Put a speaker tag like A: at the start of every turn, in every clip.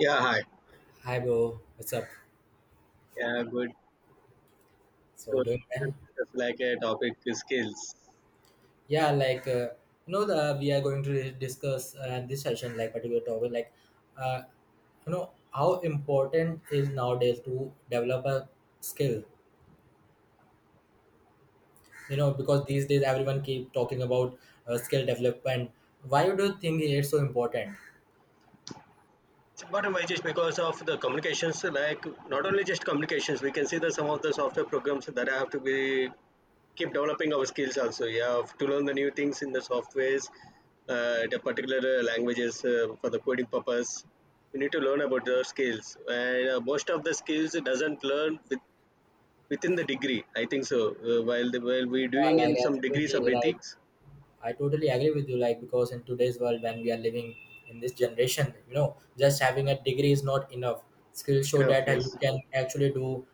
A: Yeah, hi.
B: Hi, bro. What's up?
A: Yeah, good.
B: So
A: So,
B: doing well?
A: it's like a topic is skills.
B: Yeah, you know, the we are going to discuss this session, like particular topic, like uh, you know how important is nowadays to develop a skill. You know, because these days everyone keep talking about skill development. Why do you think it's so important?
A: But why just because of the communications, like not only just communications, we can see that some of the software programs that have to be keep developing our skills also. Yeah, to learn the new things in the softwares, the particular languages for the coding purpose. We need to learn about the skills, and most of the skills doesn't learn with, within the degree. I think so. While the, while we
B: Yeah,
A: doing
B: like
A: in some degrees of
B: absolutely right.
A: ethics,
B: I totally agree with you, like because in today's world when we are living in this generation, you know, just having a degree is not enough. Skills show
A: enough
B: that
A: yes.
B: you can actually do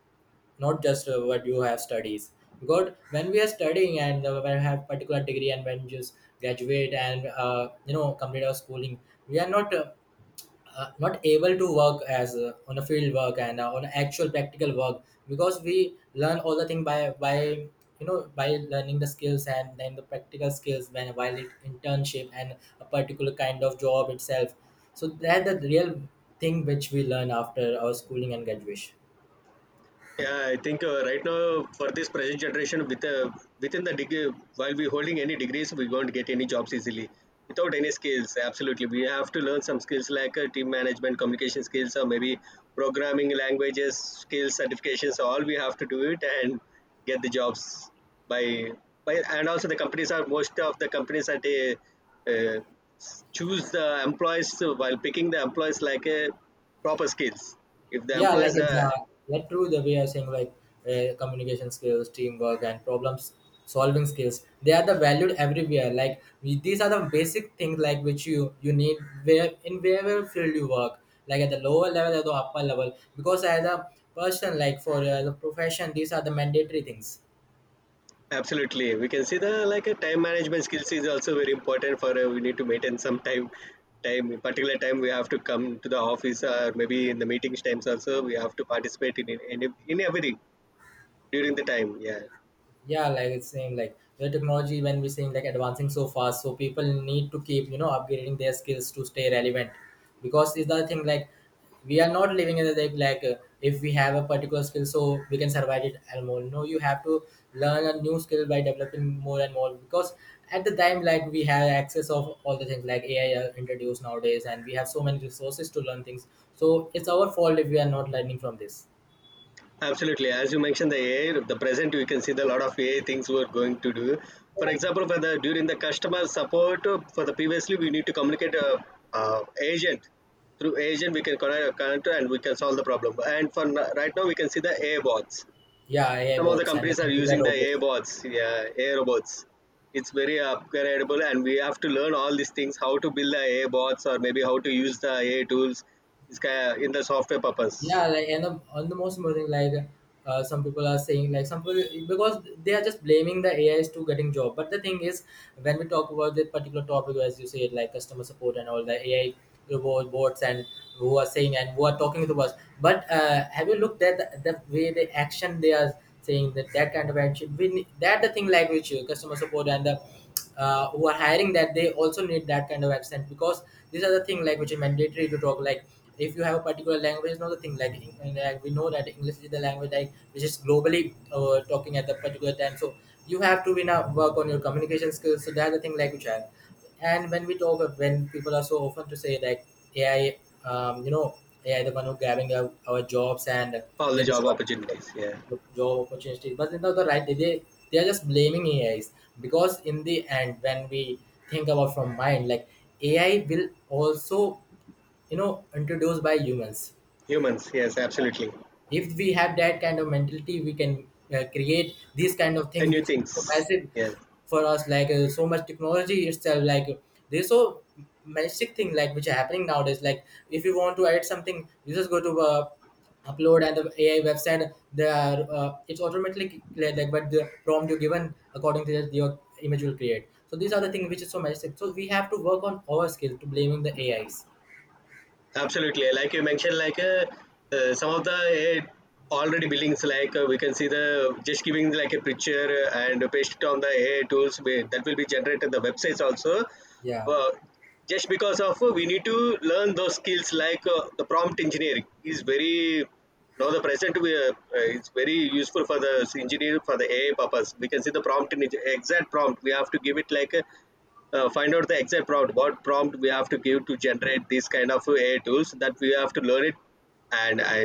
B: not just what you have studies. Because when we are studying and when we have particular degree and when just graduate and you know complete our schooling, we are not not able to work as on a field work and on actual practical work because we learn all the thing by you know by learning the skills and then the practical skills when while it internship and a particular kind of job itself, so that the real thing which we learn after our schooling and graduation.
A: Yeah, I think right now for this present generation, with within the degree, while we holding any degrees, we won't get any jobs easily. Without any skills, absolutely, we have to learn some skills like team management, communication skills, or maybe programming languages, skills, certifications. All we have to do it and get the jobs by by. And also, the companies are most of the companies are they uh, choose the employees while picking the employees like a proper skills if the
B: Yeah, like
A: employees
B: exact yeah true, the way I saying, like communication skills, teamwork and problems solving skills, they are the valued everywhere. Like we, these are the basic things like which you need where in wherever field you work, like at the lower level or the upper level, because as a person like for the profession, these are the mandatory things.
A: Absolutely. We can see the like a time management skills is also very important for we need to maintain some time, particular time we have to come to the office, or maybe in the meetings times also we have to participate in every during the time. Yeah.
B: Yeah, like it's saying, like the technology, when we're saying like advancing so fast, so people need to keep you know upgrading their skills to stay relevant, because is the thing like we are not living in the like, if we have a particular skill so we can survive it and more, no, you have to learn a new skill by developing more and more, because at the time like we have access of all the things like AI are introduced nowadays, and we have so many resources to learn things, so it's our fault if we are not learning from this.
A: Absolutely. As you mentioned the AI, the present you can see the lot of AI things we're going to do. For example, for the during the customer support for the previously we need to communicate uh, agent, through agent we can connect and we can solve the problem. And right now we can see the AI bots.
B: Yeah, AI
A: Some of the
B: bots and the
A: companies are
B: computer
A: using the
B: robots.
A: AI bots, yeah, AI robots. It's very upgradable, and we have to learn all these things: how to build the AI bots, or maybe how to use the AI tools. It's in the software purpose,
B: Yeah, like and the, on the most important, like some people are saying, like some people, because they are just blaming the AIs to getting job. But the thing is, when we talk about the particular topic, as you said, like customer support and all the AI robot bots and who are saying and who are talking to us. But have you looked at the way the action they are saying, that that kind of action? We ne- that the thing like which customer support and the who are hiring, that they also need that kind of accent, because these are the thing like which is mandatory to talk like if you have a particular language. It's not the thing like we know that english is the language like which is globally talking at the particular time, so you have to be now work on your communication skills, so that's the thing like which I have. And when we talk, when people are so often to say like AI, you know, AI the one who grabbing our jobs and
A: all the
B: they
A: job
B: destroy
A: opportunities. Yeah,
B: job opportunities. But you know the right, they are just blaming AIs, because in the end when we think about from mind like AI will also you know introduced by humans.
A: humans. Yes, absolutely.
B: If we have that kind of mentality we can create these kind of
A: The
B: things
A: new
B: which is so
A: things.
B: massive
A: Yes.
B: for us, like so much technology itself, like there's so massive thing like which are happening nowadays. Like if you want to add something you just go to upload, and the AI website there it's automatically cleared, like but the prompt you given, according to that your image will create. So these are the things which is so massive, so we have to work on our skill to blaming the AIs.
A: Absolutely. Like you mentioned, like some of the already buildings, like we can see the just giving like a picture and paste it on the AI tools that will be generated the websites also.
B: Yeah.
A: Uh, just because of we need to learn those skills like the prompt engineering is very now the present we are, it's very useful for the engineer for the AI purpose. We can see the prompt exact prompt. We have to give it like a find out the exact prompt, what prompt we have to give to generate these kind of AI tools, that we have to learn it. And I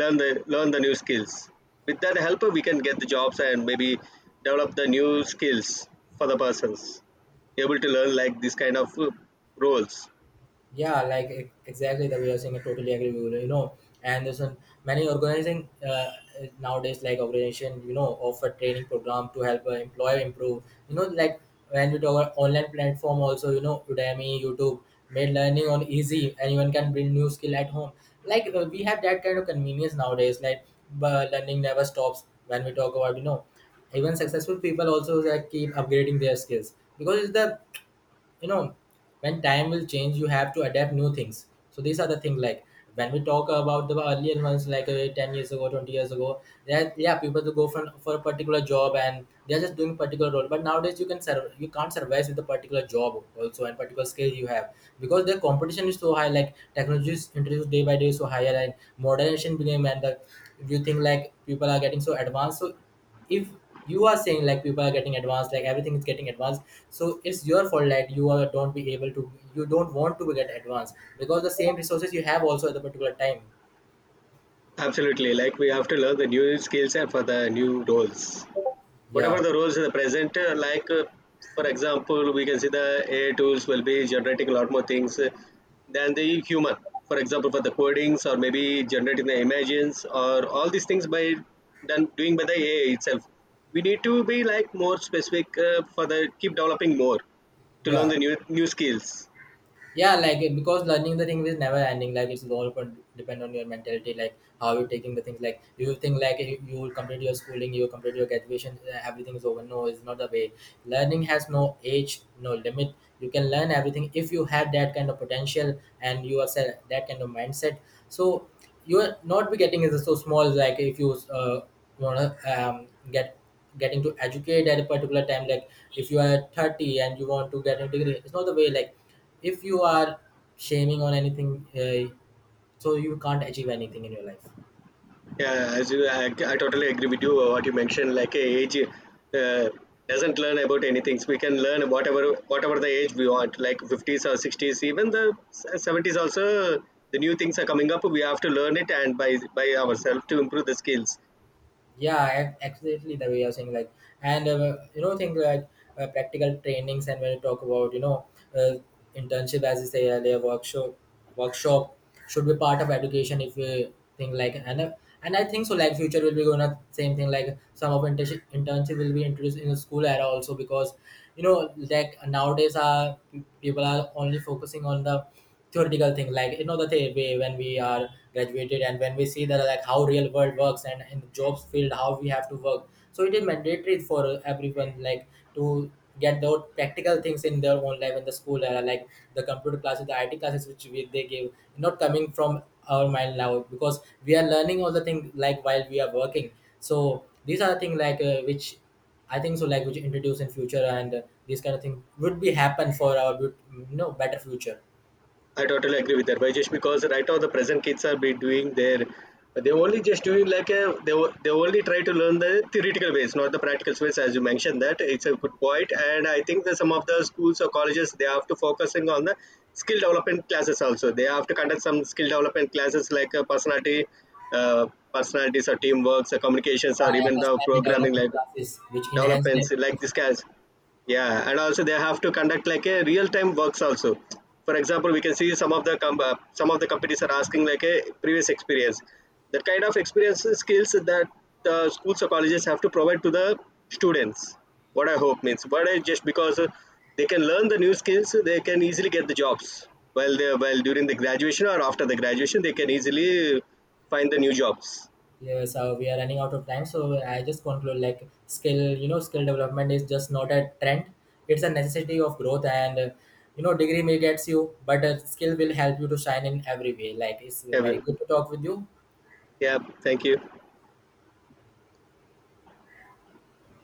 A: learn the new skills. With that help we can get the jobs and maybe develop the new skills for the persons able to learn like this kind of roles.
B: Yeah, like exactly the way you're saying, I totally agree with you. You know, and there's an, many organizing nowadays, like organization, you know, offer training program to help an employer improve. You know, like when we talk about online platform, also, you know, Udemy, YouTube made learning on easy. Anyone can build new skill at home. Like we have that kind of convenience nowadays. Like but learning never stops. When we talk about, you know, even successful people also, like, keep upgrading their skills, because it's the you know when time will change you have to adapt new things. So these are the things like when we talk about the earlier ones, like 10 years ago, 20 years ago, yeah, yeah, people to go for a particular job and they're just doing particular role, but nowadays you can serve you can't survive with a particular job also and particular skill you have, because the competition is so high, like technology is introduced day by day, so higher and modernization became, and the, you think like people are getting so advanced. So if you are saying like people are getting advanced, like everything is getting advanced, so it's your fault that you are, don't be able to, you don't want to get advanced, because the same resources you have also at the particular time.
A: Absolutely, like we have to learn the new skills and for the new roles, whatever
B: Yeah.
A: the roles in the present like for example we can see the AI tools will be generating a lot more things than the human. For example, for the codings, or maybe generating the images or all these things by done doing by the AI itself. We need to be like more specific for the keep developing more to learn
B: Yeah.
A: the new skills.
B: Yeah, like because learning the thing is never ending, like it's all depend on your mentality, like how you're taking the things. Like do you think like you will complete your schooling, you complete your graduation everything is over? No, it's not the way. Learning has no age, no limit. You can learn everything if you have that kind of potential and you are set that kind of mindset. So you are not be getting is so small, like if you uh, want to get getting to educate at a particular time, like if you are 30 and you want to get a degree, it's not the way. Like if you are shaming on anything so you can't achieve anything in your life.
A: Yeah, as you, I totally agree with you what you mentioned. Like age doesn't learn about anything. So we can learn whatever the age we want. Like fifties or sixties, even the 70s also. The new things are coming up. We have to learn it and by ourselves to improve the skills.
B: Yeah, absolutely the way you're saying, like and you know things like practical trainings. And when you talk about you know uh, internship as you say earlier, workshop should be part of education, if you think like. And and I think so, like future will be going to same thing, like some of internship will be introduced in the school era also, because you know, like nowadays people are only focusing on the theoretical thing, like you know the thing when we are graduated and when we see that like how real world works and in jobs field how we have to work, so it is mandatory for everyone like to get those practical things in their own life in the school era, like the computer classes, the it classes which they give, not coming from our mind now, because we are learning all the things like while we are working. So these are the thing like which I think so like which introduce in future. And this kind of thing would be happen for our you know better future.
A: I totally agree with that. But just because right now the present kids are be doing their, they only just doing like a they they only try to learn the theoretical ways, not the practical ways. As you mentioned that it's a good point, and I think that some of the schools or colleges they have to focusing on the skill development classes also. They have to conduct some skill development classes like personality, uh, personalities, or teamworks, or communications,
B: Yeah,
A: or
B: I
A: even
B: was
A: the
B: slightly
A: programming
B: development
A: like
B: classes which enhance their
A: developments like this
B: application.
A: guys. Yeah, and also they have to conduct like a real-time works also. For example, we can see some of the some of the companies are asking like a previous experience, that kind of experience skills that the schools or colleges have to provide to the students. What I hope means, what I just because they can learn the new skills, they can easily get the jobs. While they, while during the graduation or after the graduation, they can easily find the new jobs.
B: Yeah, so we are running out of time. So I just conclude like skill, you know, skill development is just not a trend. It's a necessity of growth, and you know, degree may gets you, but a skill will help you to shine in every way. Like it's
A: yeah
B: very
A: we-
B: good to talk with you.
A: yeah, thank you.